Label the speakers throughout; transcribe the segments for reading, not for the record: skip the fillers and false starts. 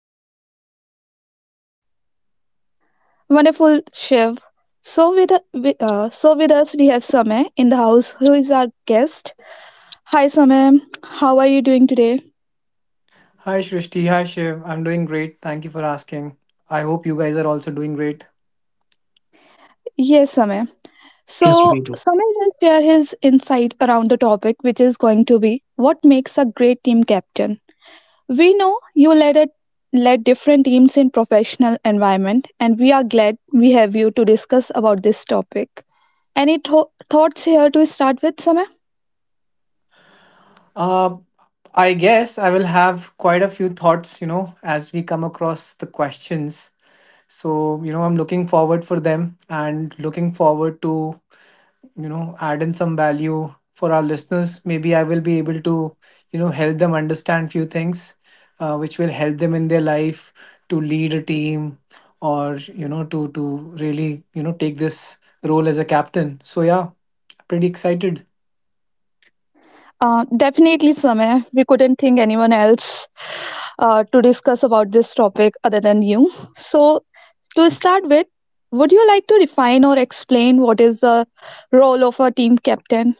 Speaker 1: listeners. Thank you.
Speaker 2: Wonderful Shiv. So with with us we have Samay in the house, who is our guest. Hi Samay, how are you doing today?
Speaker 3: Hi Shrishti, hi Shiv. I'm doing great. Thank you for asking. I hope you guys are also doing great.
Speaker 2: Yes, Samay.
Speaker 1: Yes,
Speaker 2: So
Speaker 1: we do.
Speaker 2: Samay will share his insight around the topic, which is going to be what makes a great team captain. We know you led different teams in professional environment, and we are glad we have you to discuss about this topic. Any thoughts here to start with, Samay?
Speaker 3: Uh, I guess I will have quite a few thoughts, you know, as we come across the questions. So, you know, I'm looking forward for them and looking forward to add in some value for our listeners. Maybe I will be able to help them understand few things, which will help them in their life to lead a team, or you know to really you know take this role as a captain. So yeah, pretty excited.
Speaker 2: Definitely, Samay. We couldn't think anyone else to discuss about this topic other than you. So, to start with, would you like to define or explain what is the role of a team captain?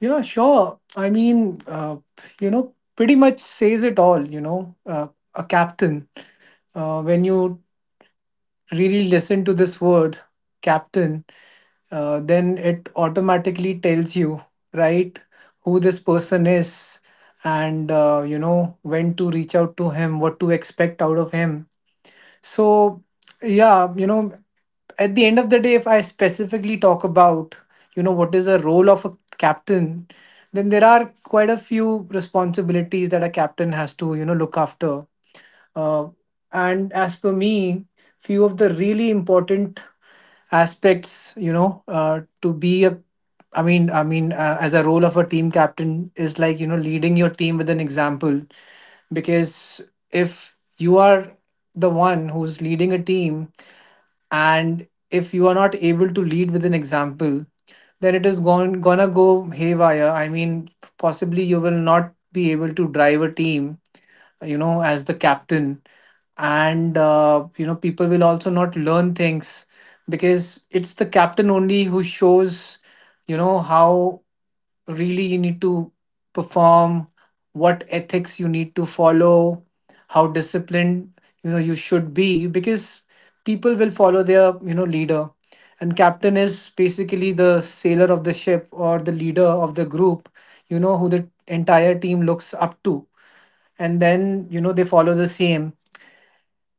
Speaker 3: Yeah sure, I mean, you know, pretty much says it all, you know. A captain, when you really listen to this word, captain, then it automatically tells you, right, who this person is, and you know, when to reach out to him, what to expect out of him. So yeah, you know, at the end of the day, if I specifically talk about, you know, what is the role of a captain, then there are quite a few responsibilities that a captain has to, you know, look after. Uh, and as for me, few of the really important aspects, you know, to be a, I mean, as a role of a team captain is like, you know, leading your team with an example, because if you are the one who's leading a team, and if you are not able to lead with an example, then it is going gonna go haywire. I mean, possibly you will not be able to drive a team, you know, as the captain. And you know, people will also not learn things, because it's the captain only who shows, you know, how really you need to perform, what ethics you need to follow, how disciplined you know you should be, because people will follow their, you know, leader, and captain is basically the sailor of the ship or the leader of the group, you know, who the entire team looks up to, and then you know they follow the same.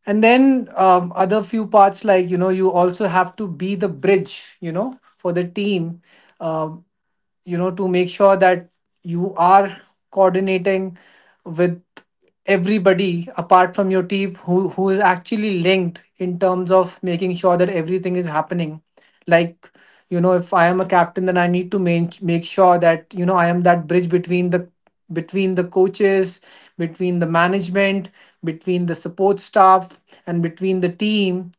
Speaker 3: And then other few parts like, you know, you also have to be the bridge, you know, for the team, um, you know, to make sure that you are coordinating with everybody apart from your team, who is actually linked in terms of making sure that everything is happening. Like, you know, if I am a captain, then I need to make sure that, you know, I am that bridge between the coaches, between the management, between the support staff, and between the team,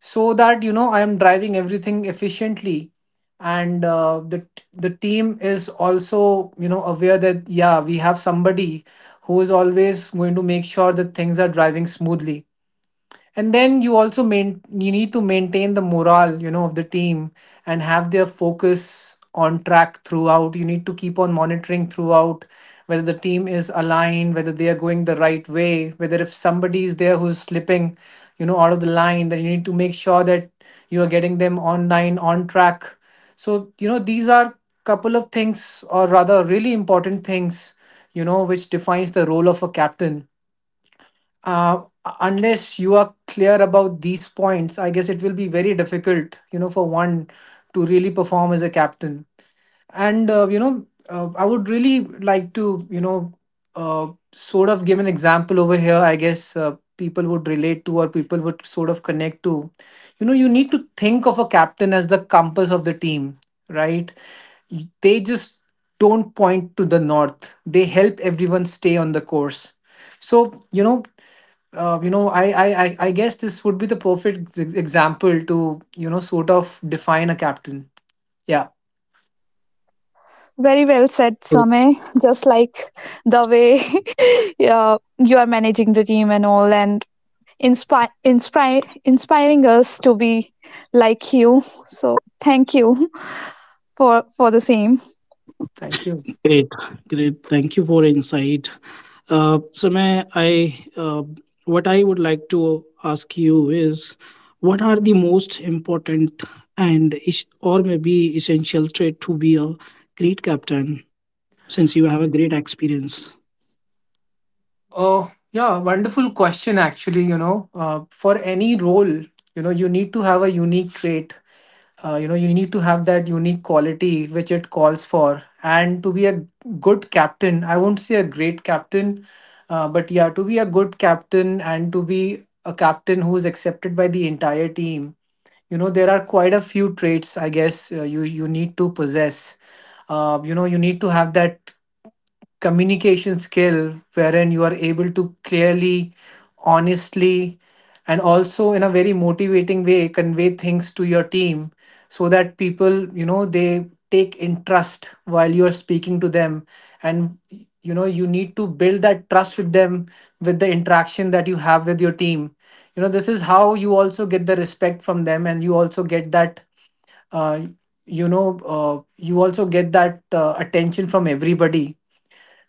Speaker 3: so that, you know, I am driving everything efficiently, and the team is also, you know, aware that yeah, we have somebody who is always going to make sure that things are driving smoothly. And then you also main you need to maintain the morale, you know, of the team, and have their focus on track throughout. You need to keep on monitoring throughout whether the team is aligned, whether they are going the right way, whether if somebody is there who's slipping, you know, out of the line, then you need to make sure that you are getting them online on track. So, you know, these are couple of things, or rather really important things, you know, which defines the role of a captain. Uh, unless you are clear about these points, I guess it will be very difficult, you know, for one to really perform as a captain. And you know, I would really like to, you know, uh, sort of give an example over here. I guess, people would relate to, or people would sort of connect to. You know, you need to think of a captain as the compass of the team, right? They just don't point to the north, they help everyone stay on the course. So, you know, you know, I guess this would be the perfect example to, you know, sort of define a captain. Yeah,
Speaker 2: Very well said,
Speaker 1: Great,
Speaker 2: Sameh. Just like the way yeah, you are managing the team and all, and inspiring us to be like you. So thank you for the same.
Speaker 3: thank you.
Speaker 1: great, great. Thank you for insight. So, may I, what I would like to ask you is what are the most important and is- or maybe essential trait to be a great captain since you have a great experience?
Speaker 3: Oh yeah, wonderful question actually. You know, for any role, you know, you need to have a unique trait. You know, you need to have that unique quality which it calls for. And to be a good captain, I won't say a great captain, but yeah, to be a good captain, and to be a captain who is accepted by the entire team, you know, there are quite a few traits, I guess, you need to possess. You know, you need to have that communication skill wherein you are able to clearly, honestly, and also in a very motivating way, convey things to your team, so that people, you know, they take interest while you are speaking to them. And you know, you need to build that trust with them, with the interaction that you have with your team. You know, this is how you also get the respect from them, and you also get that, uh, you know, you also get that attention from everybody.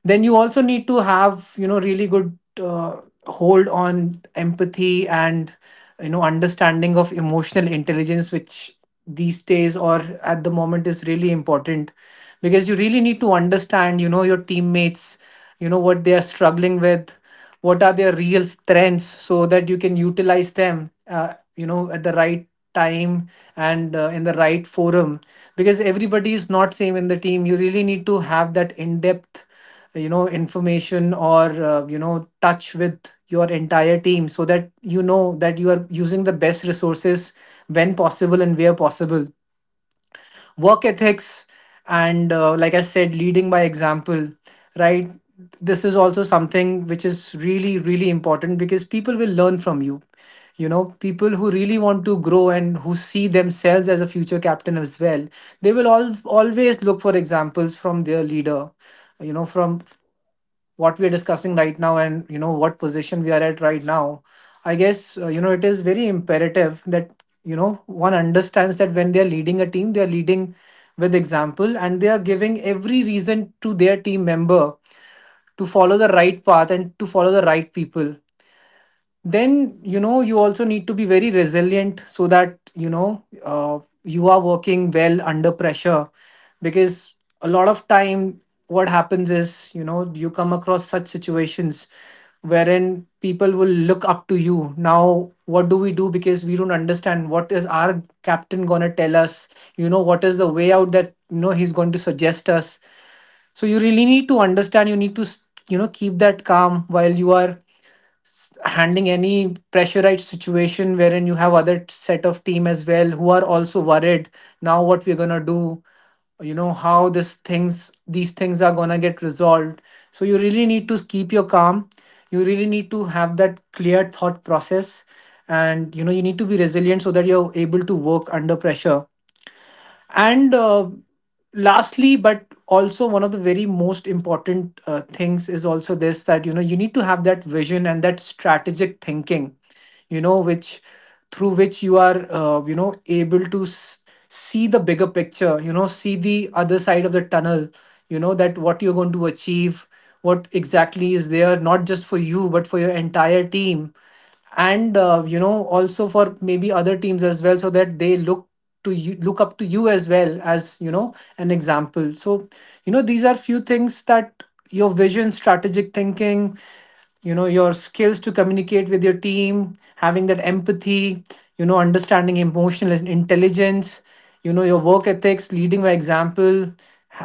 Speaker 3: Then you also need to have, you know, really good hold on empathy and, you know, understanding of emotional intelligence, which these days, or at the moment, is really important, because you really need to understand, you know, your teammates, you know, what they are struggling with, what are their real strengths, so that you can utilize them, you know, at the right time, and in the right forum, because everybody is not same in the team. You really need to have that in depth, you know, information, or you know, touch with your entire team, so that you know that you are using the best resources when possible and where possible. Work ethics, and like I said, leading by example, right? This is also something which is really really important, because people will learn from you. You know, people who really want to grow, and who see themselves as a future captain as well, they will all always look for examples from their leader. You know, from what we are discussing right now, and you know, what position we are at right now, I guess, you know, it is very imperative that, you know, one understands that when they are leading a team, they are leading with example, and they are giving every reason to their team member to follow the right path and to follow the right people. Then you know, you also need to be very resilient, so that, you know, you are working well under pressure, because a lot of time what happens is, you know, you come across such situations wherein people will look up to you, now what do we do, because we don't understand what is our captain going to tell us, you know, what is the way out that, you know, he's going to suggest us. So you really need to understand, you need to, you know, keep that calm while you are handling any pressurized situation wherein you have other set of team as well who are also worried, now what we're gonna do, you know, how this things these things are gonna get resolved. So you really need to keep your calm, you really need to have that clear thought process, and you know, you need to be resilient so that you're able to work under pressure. And lastly, but also one of the very most important things, is also this, that you know you need to have that vision and that strategic thinking, you know, which through which you are, you know, able to see the bigger picture, you know, see the other side of the tunnel, you know, that what you're going to achieve, what exactly is there, not just for you, but for your entire team, and you know, also for maybe other teams as well, so that they look up to you as well, as you know, an example. So you know, these are few things, that your vision, strategic thinking, you know, your skills to communicate with your team, having that empathy, you know, understanding emotional intelligence, you know, your work ethics, leading by example,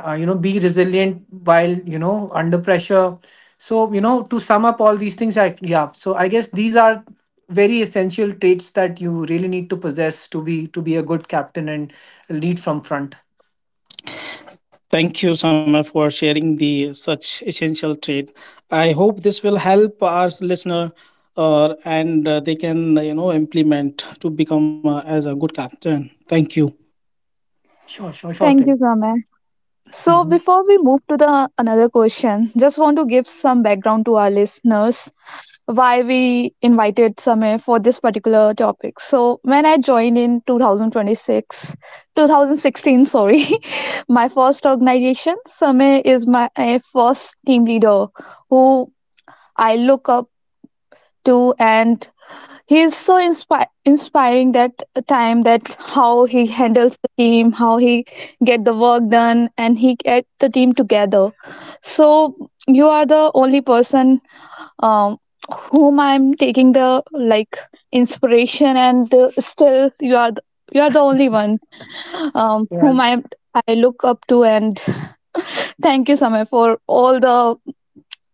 Speaker 3: you know, be resilient while, you know, under pressure. So you know, to sum up all these things, yeah, so I guess these are very essential traits that you really need to possess to be a good captain and lead from front.
Speaker 1: Thank you, Summer, for sharing the such essential trait. I hope this will help our listener, and they can implement to become as a good captain. Thank you.
Speaker 3: Sure, sure, sure
Speaker 2: Thank you,
Speaker 3: thing.
Speaker 2: Sameh. So
Speaker 3: Mhm.
Speaker 2: before we move to the another question, just want to give some background to our listeners why we invited Samir for this particular topic. So when I joined in 2016, sorry, my first organization, Samir is my first team leader who I look up to, and he is so inspiring that time, that how he handles the team, how he get the work done, and he get the team together. So you are the only person, um, whom I'm taking the like inspiration, and still you are the only one, whom
Speaker 3: well
Speaker 2: I look up to. And thank you Samay for all the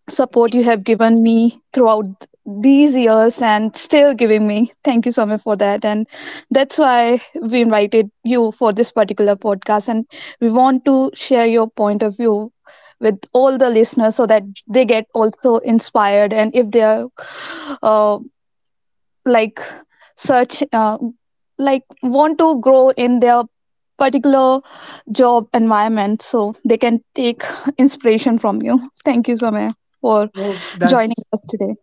Speaker 2: support you have given me throughout these years and still giving me. Thank you so much for that. And that's why we invited you for this particular podcast. And we want to share your point of view with all the listeners so that they get also inspired. And if they are uh, like search, uh, like want to grow in their particular job environment, so they can take inspiration from you. Thank you so much for
Speaker 3: well
Speaker 2: joining
Speaker 3: that's
Speaker 2: us today.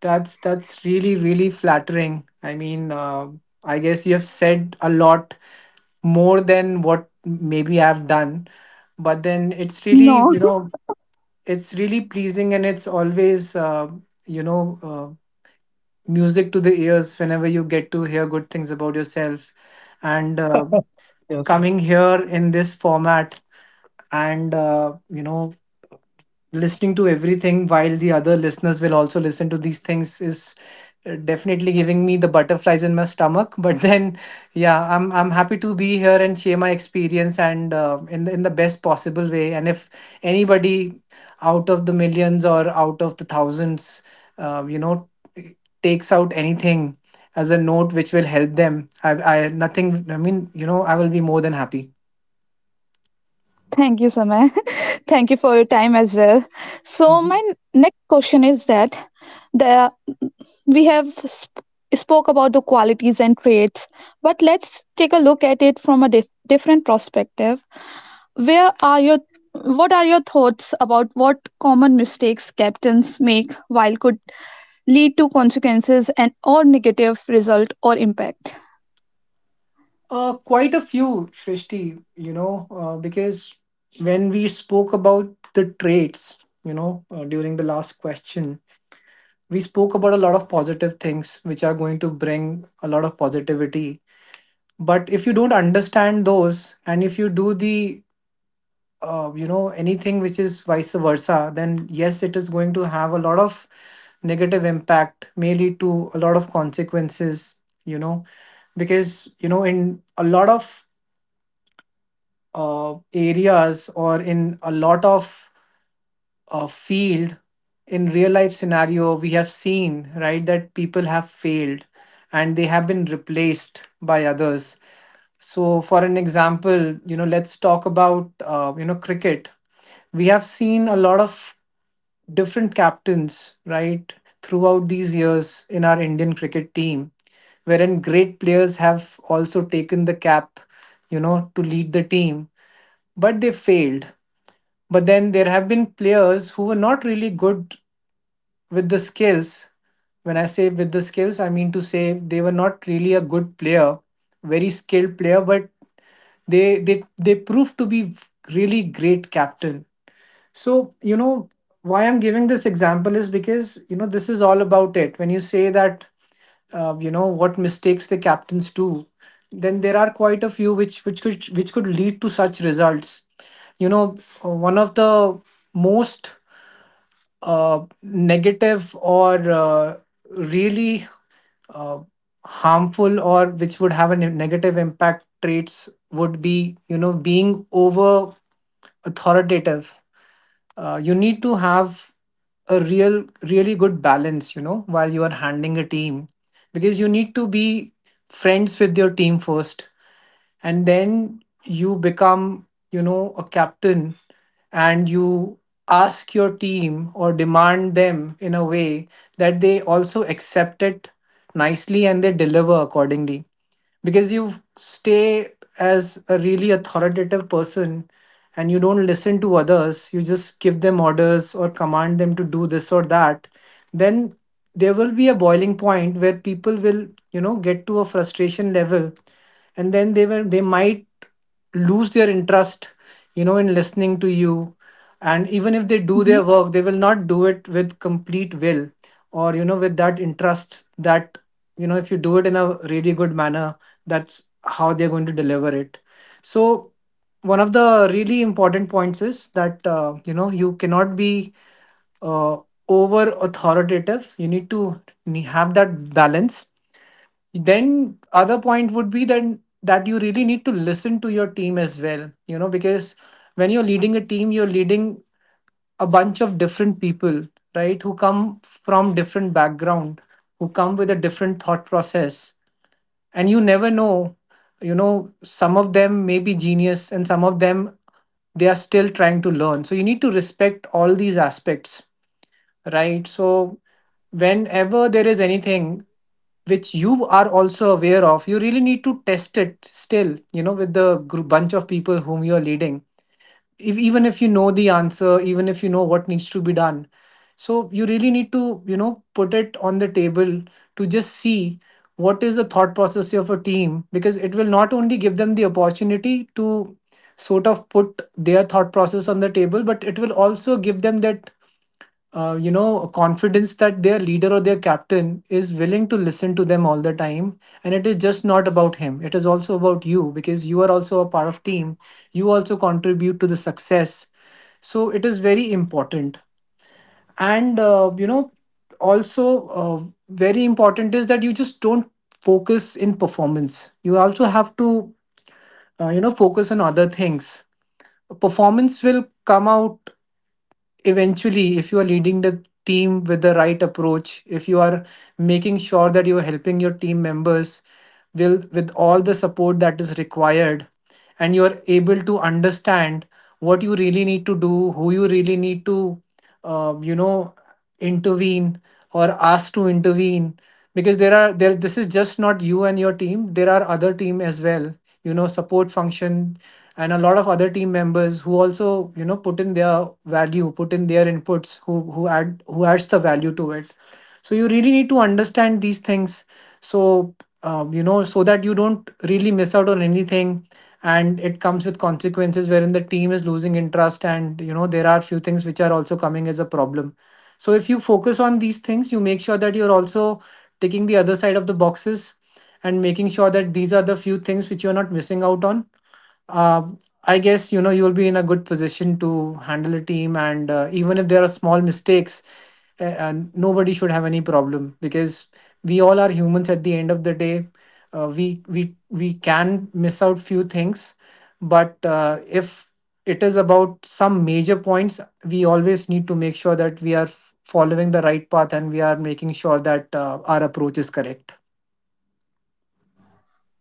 Speaker 3: that's really really flattering. I mean, I guess you have said a lot more than what maybe I've done, but then it's really
Speaker 2: No,
Speaker 3: you know it's really pleasing, and it's always you know uh, music to the ears whenever you get to hear good things about yourself, and coming
Speaker 1: Yes.
Speaker 3: here in this format and listening to everything while the other listeners will also listen to these things is definitely giving me the butterflies in my stomach but then yeah, I'm happy to be here and share my experience and in the best possible way. And if anybody out of the millions or out of the thousands uh, you know takes out anything as a note which will help them I nothing I mean, I will be more than happy.
Speaker 2: thank you, Samay. Thank you for your time as well. So my next question is that the we have spoke about the qualities and traits, but let's take a look at it from a different perspective. Where are your what are your thoughts about what common mistakes captains make while could lead to consequences and or negative result or impact?
Speaker 3: Quite a few, Shrishti, because when we spoke about the traits, during the last question, we spoke about a lot of positive things which are going to bring a lot of positivity. But if you don't understand those and if you do anything which is vice versa, then yes, it is going to have a lot of negative impact, may lead to a lot of consequences, because, in a lot of areas or in a lot of field in real life scenario we have seen, right, that people have failed and they have been replaced by others. So for an example, let's talk about cricket. We have seen a lot of different captains, right, throughout these years in our Indian cricket team wherein great players have also taken the cap, to lead the team, but they failed. But then there have been players who were not really good with the skills. When I say with the skills, I mean to say they were not really a good player, very skilled player, but they proved to be really great captain. So, why I'm giving this example is because, this is all about it. When you say that, what mistakes the captains do, then there are quite a few which could lead to such results. You know, One of the most negative or really uh, harmful or which would have a negative impact traits would be, being over authoritative. You need to have a really good balance while you are handling a team, because you need to be friends with your team first, and then you become a captain, and you ask your team or demand them in a way that they also accept it nicely and they deliver accordingly. Because you stay as a really authoritative person and you don't listen to others, you just give them orders or command them to do this or that, then there will be a boiling point where people will get to a frustration level, and then they might lose their interest, in listening to you. And even if they do their work, they will not do it with complete will, or with that interest that, if you do it in a really good manner, that's how they're going to deliver it. So one of the really important points is that you cannot be uh, over authoritative. You need to have that balance. Then other point would be then that you really need to listen to your team as well, because when you're leading a team, you're leading a bunch of different people, right, who come from different background, who come with a different thought process. And you never know, some of them may be genius and some of them they are still trying to learn, so you need to respect all these aspects, right. So whenever there is anything which you are also aware of, you really need to test it still, with the group bunch of people whom you are leading. If even if you know the answer, even if you know what needs to be done, so you really need to, put it on the table, to just see what is the thought process of a team, because it will not only give them the opportunity to sort of put their thought process on the table, but it will also give them that confidence that their leader or their captain is willing to listen to them all the time, and it is just not about him, it is also about you, because you are also a part of team, you also contribute to the success, so it is very important. And also very important is that you just don't focus in performance, you also have to focus on other things. Performance will come out eventually if you are leading the team with the right approach, if you are making sure that you are helping your team members will with all the support that is required, and you are able to understand what you really need to do, who you really need to uh, you know intervene or asked to intervene. Because there this is just not you and your team, there are other team as well, support function, and a lot of other team members who also put in their value, put in their inputs, who adds the value to it. So you really need to understand these things. So so that you don't really miss out on anything, and it comes with consequences wherein the team is losing interest, and there are few things which are also coming as a problem. So if you focus on these things, you make sure that you're also taking the other side of the boxes and making sure that these are the few things which you're not missing out on. um, I guess you will be in a good position to handle a team, and even if there are small mistakes, nobody should have any problem, because we all are humans. At the end of the day, we can miss out few things, but if it is about some major points, we always need to make sure that we are following the right path, and we are making sure that our approach is correct.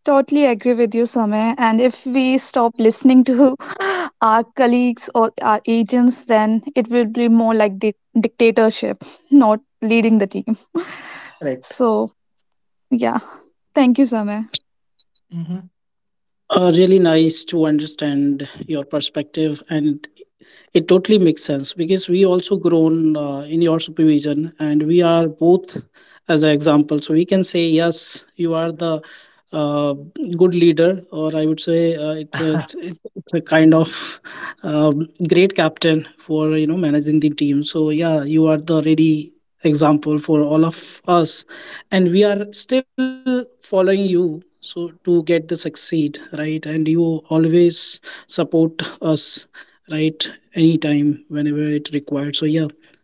Speaker 2: Totally agree with you, Samay. And if we stop listening to our colleagues or our agents, then it will be more like dictatorship, not leading the team.
Speaker 3: Correct.
Speaker 2: So, yeah. Thank you, Samay.
Speaker 3: Mm-hmm.
Speaker 1: Really nice to understand your perspective and it totally makes sense because we also grown in your supervision, and we are both as an example. So we can say yes, you are the uh, good leader, or I would say it's a it's a kind of great captain for you know managing the team. So yeah, you are the ready example for all of us, and we are still following you. So to get the succeed, right, and you always support us, right, anytime whenever it required. So yeah,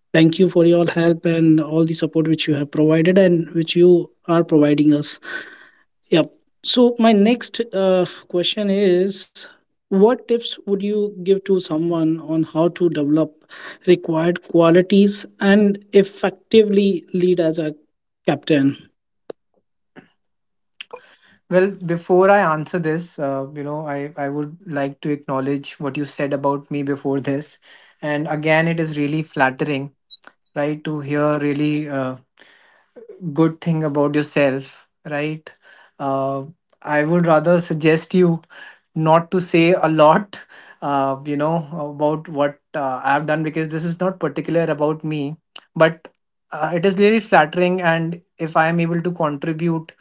Speaker 1: thank you for your help and all the support which you have provided and which you are providing us. Yep. So my next question is, what tips would you give to someone on how to develop required qualities and effectively lead as a captain?
Speaker 3: Well, before I answer this, I would like to acknowledge what you said about me before this. And again, it is really flattering, right, to hear really good thing about yourself, right? Uh, I would rather suggest you not to say a lot, uh, you know, about what I've done, because this is not particular about me, but it is really flattering. And if I am able to contribute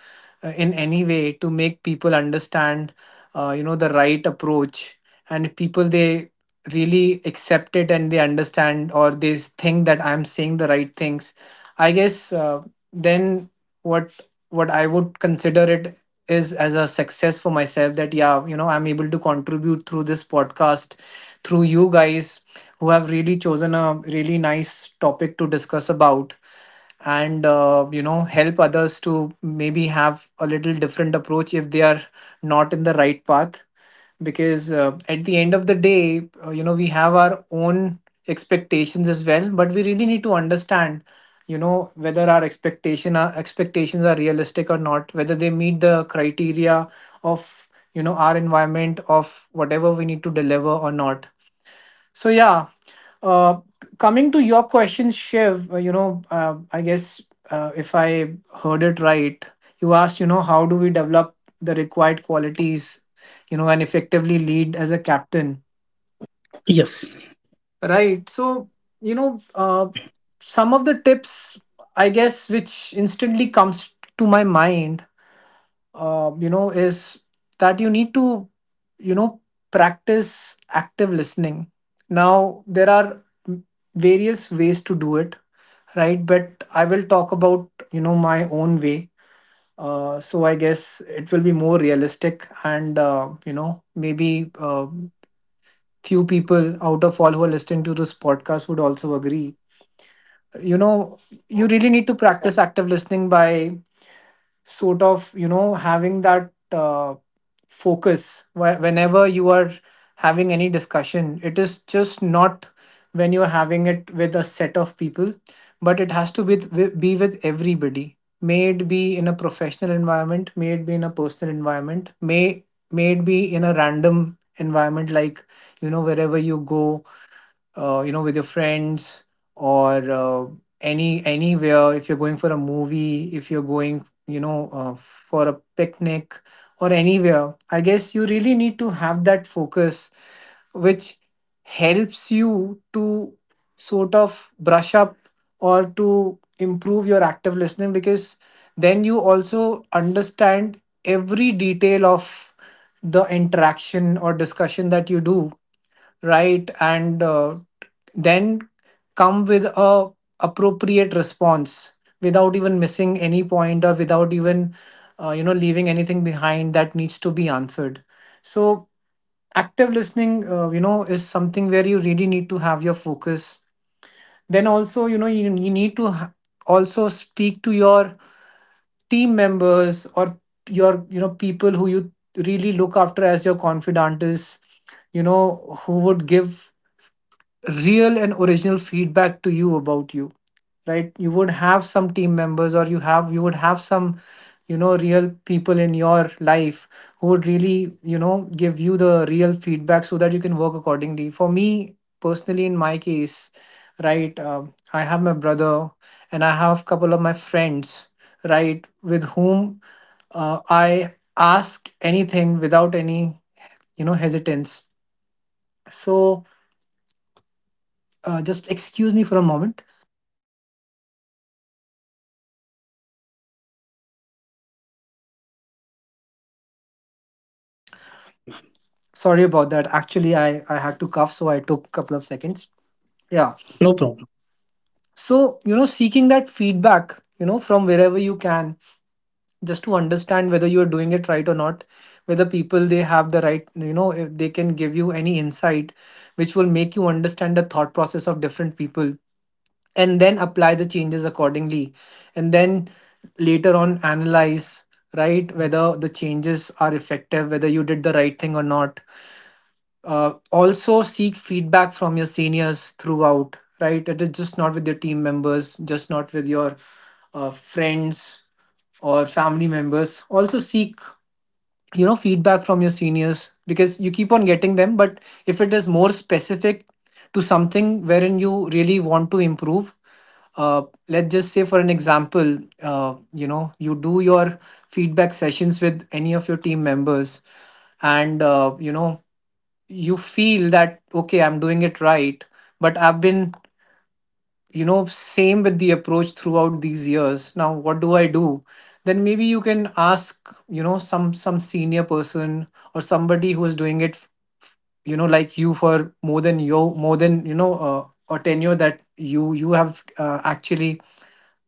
Speaker 3: in any way to make people understand, the right approach, and people they really accept it and they understand or they think that I'm saying the right things, I guess then what what I would consider it is as a success for myself, that yeah, I'm able to contribute through this podcast, through you guys who have really chosen a really nice topic to discuss about, and help others to maybe have a little different approach if they are not in the right path, because at the end of the day, we have our own expectations as well, but we really need to understand, whether our expectations are realistic or not, whether they meet the criteria of, our environment, of whatever we need to deliver or not. So yeah, uh, coming to your question, Shiv, I guess if I heard it right, you asked, how do we develop the required qualities, and effectively lead as a captain,
Speaker 1: Yes,
Speaker 3: right? So you know, uh, some of the tips, I guess, which instantly comes to my mind is that you need to you know practice active listening. Now there are various ways to do it, right, but I will talk about my own way. So I guess it will be more realistic and maybe few people out of all who are listening to this podcast would also agree. you know you really need to practice active listening by having that focus whenever you are having any discussion. It is just not when you're having it with a set of people, but it has to be with everybody. May it be in a professional environment, may it be in a personal environment, may it be in a random environment, like wherever you go, with your friends, or anywhere. If you're going for a movie, if you're going for a picnic, or anywhere, I guess you really need to have that focus which helps you to sort of brush up or to improve your active listening, because then you also understand every detail of the interaction or discussion that you do, right? And then come with a appropriate response without even missing any point or without even leaving anything behind that needs to be answered. So active listening is something where you really need to have your focus. Then also you need to also speak to your team members or your people who you really look after as your confidantes, you know, who would give real and original feedback to you about you. Right, you would have some team members, or you would have some, you know, real people in your life who would really, you know, give you the real feedback so that you can work accordingly. For me personally, in my case, right, I have my brother and I have couple of my friends, right, with whom I ask anything without any, you know, hesitance. So just excuse me for a moment.
Speaker 1: sure, ma'am.
Speaker 3: Sorry about that. Actually, I had to cough, so I took a couple of seconds. Yeah.
Speaker 1: No problem.
Speaker 3: So, you know, seeking that feedback, you know, from wherever you can, just to understand whether you're doing it right or not, whether people they have the right, you know, if they can give you any insight which will make you understand the thought process of different people, and then apply the changes accordingly. And then later on analyze, right, whether the changes are effective, whether you did the right thing or not. Also seek feedback from your seniors throughout, right? It is just not with your team members, just not with your friends or family members. Also seek, you know, feedback from your seniors, because you keep on getting them, but if it is more specific to something wherein you really want to improve, uh, let's just say for an example, you do your feedback sessions with any of your team members, and you feel that okay, I'm doing it right, but I've been, you know, same with the approach throughout these years, now what do I do? Then maybe you can ask, you know, some senior person, or somebody who is doing it, you know, like you, for more than your more than you know a tenure that you have actually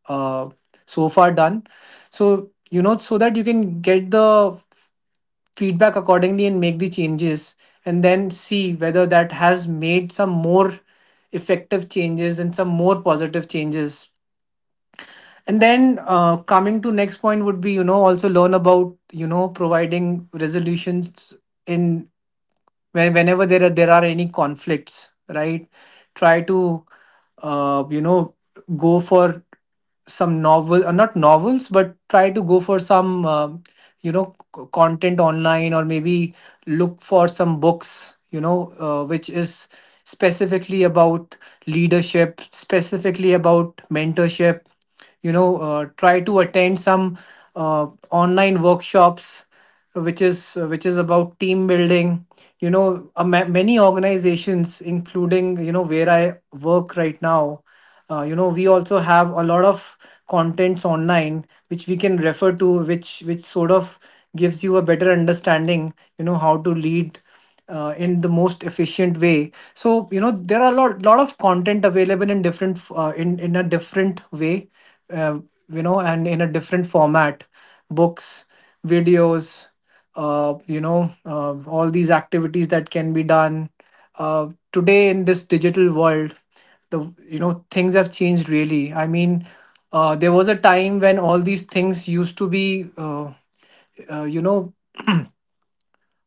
Speaker 3: uh, so far done. So you know, so that you can get the feedback accordingly and make the changes, and then see whether that has made some more effective changes and some more positive changes. And then coming to next point would be, you know, also learn about, you know, providing resolutions in, whenever there are, any conflicts, right? Try to uh, you know go for some novel not novels but try to go for some you know content online, or maybe look for some books, you know, which is specifically about leadership, specifically about mentorship. You know, try to attend some uh, online workshops which is, about team building. You know, many organizations including, you know, where I work right now, we also have a lot of contents online which we can refer to, which sort of gives you a better understanding, you know, how to lead in the most efficient way. So you know, there are a lot of content available in different in a different way, uh, and in a different format. Books, videos, all these activities that can be done today in this digital world. The things have changed, really. I mean, there was a time when all these things used to be uh, you know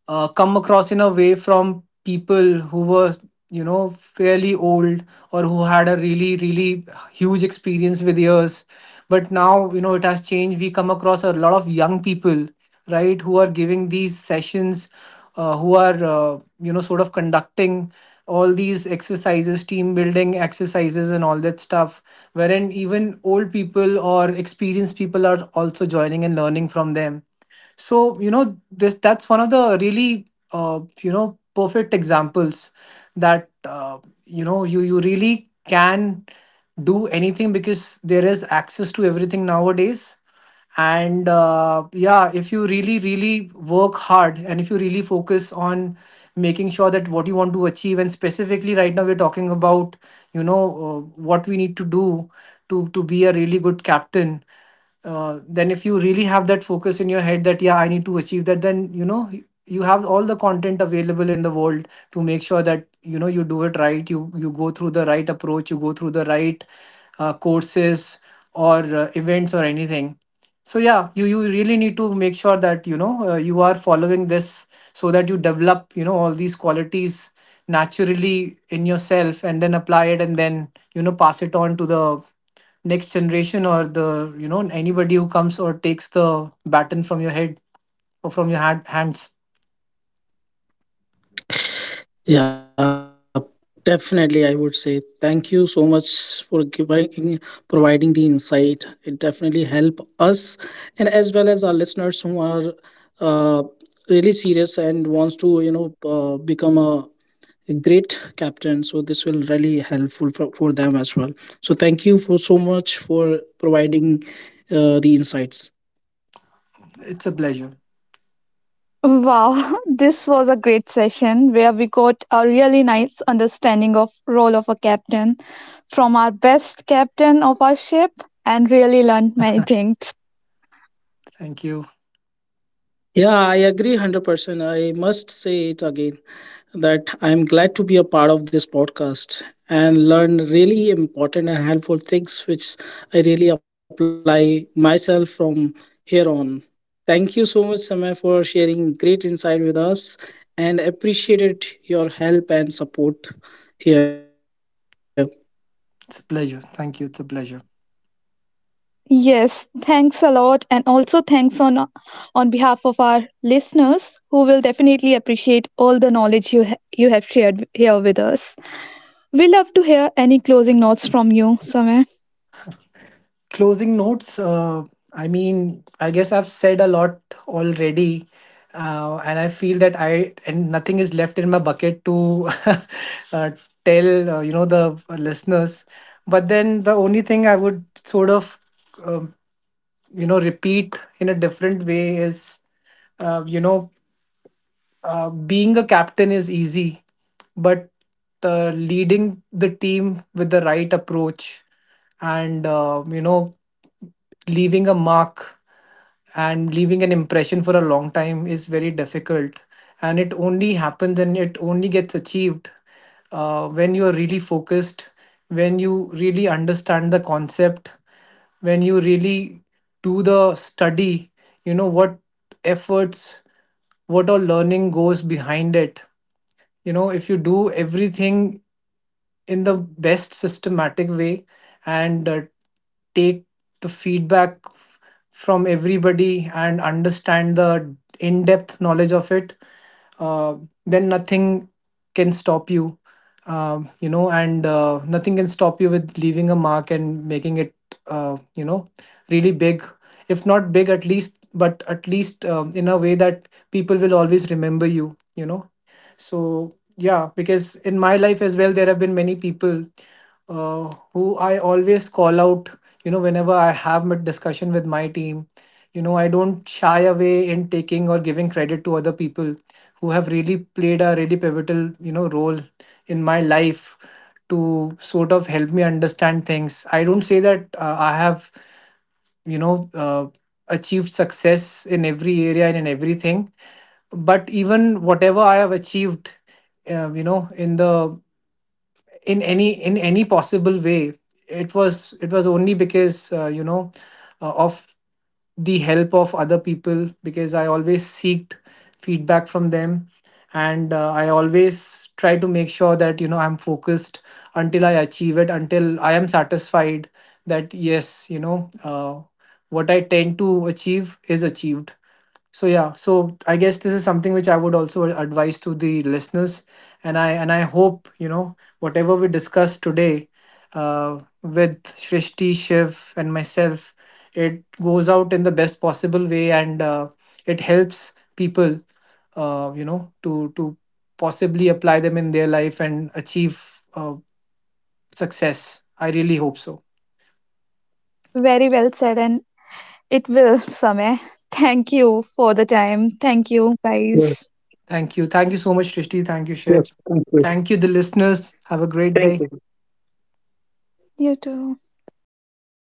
Speaker 3: come across in a way from people who were, you know, fairly old, or who had a really, really huge experience with years. But now, you know, it has changed. We come across a lot of young people, right, who are giving these sessions, who are sort of conducting all these exercises, team building exercises and all that stuff, wherein even old people or experienced people are also joining and learning from them. So you know, this that's one of the really perfect examples that, you really can do anything, because there is access to everything nowadays. And yeah, if you really, really work hard and if you really focus on making sure that what you want to achieve, and specifically right now we're talking about, what we need to do to, be a really good captain. Then if you really have that focus in your head that yeah, I need to achieve that, then you know, you have all the content available in the world to make sure that, you know, you do it right, you go through the right approach, you go through the right courses or events or anything. So yeah, you really need to make sure that, you know, you are following this, so that you develop, you know, all these qualities naturally in yourself, and then apply it, and then, you know, pass it on to the next generation, or the, you know, anybody who comes or takes the baton from your head or from your hands.
Speaker 1: Yeah, definitely. I would say thank you so much for providing the insight. It definitely help us and as well as our listeners who are uh, really serious and wants to become a great captain. So this will really helpful for them as well. So thank you for so much for providing the insights.
Speaker 3: It's a pleasure.
Speaker 2: Wow, this was a great session where we got a really nice understanding of role of a captain from our best captain of our ship, and really learned many things.
Speaker 3: Thank you.
Speaker 1: Yeah, I agree 100%. I must say it again that I'm glad to be a part of this podcast and learn really important and helpful things which I really apply myself from here on. Thank you so much, Samay, for sharing great insight with us and appreciated your help and support here.
Speaker 3: It's a pleasure. Thank you. It's a pleasure.
Speaker 2: Yes, thanks a lot, and also thanks on behalf of our listeners who will definitely appreciate all the knowledge you you have shared here with us. We love to hear any closing notes from you, Samir.
Speaker 3: Closing notes, I mean, I guess I've said a lot already, and I feel that I and nothing is left in my bucket to uh, tell, the listeners. But then the only thing I would sort of, um, you know, repeat in a different way is, uh, you know being a captain is easy, but leading the team with the right approach and leaving a mark and leaving an impression for a long time is very difficult. And it only happens and it only gets achieved when you are really focused, when you really understand the concept, when you really do the study, you know, what efforts, what all learning goes behind it. You know, if you do everything in the best systematic way, and take the feedback from everybody, and understand the in-depth knowledge of it, uh, then nothing can stop you. Um, you know, and nothing can stop you with leaving a mark and making it, uh, you know really big, if not big at least, but at least, um, in a way that people will always remember you, you know. So, yeah, because in my life as well, there have been many people who I always call out, you know, whenever I have a discussion with my team. You know, I don't shy away in taking or giving credit to other people who have really played a really pivotal, you know, role in my life to sort of help me understand things. I don't say that I have, you know uh, achieved success in every area and in everything, but even whatever I have achieved, in the, in any possible way, it was, only because, of the help of other people, because I always seeked feedback from them. And I always try to make sure that, you know, I'm focused until I achieve it, until I am satisfied that yes, you know, what I tend to achieve is achieved. So yeah, so I guess this is something which I would also advise to the listeners, and I hope, you know, whatever we discussed today, with Shrishti, Shiv, and myself, it goes out in the best possible way, and it helps people, you know, to, possibly apply them in their life and achieve uh, success. I really hope so.
Speaker 2: Very well said. And it will, Sameh. Thank you for the time. Thank you,
Speaker 1: Yes,
Speaker 2: guys.
Speaker 3: Thank you so much, Shrishti. Thank you, Shiv.
Speaker 1: yes, thank you.
Speaker 3: Thank you, the listeners. Have a great day.
Speaker 1: Thank you.
Speaker 2: You too.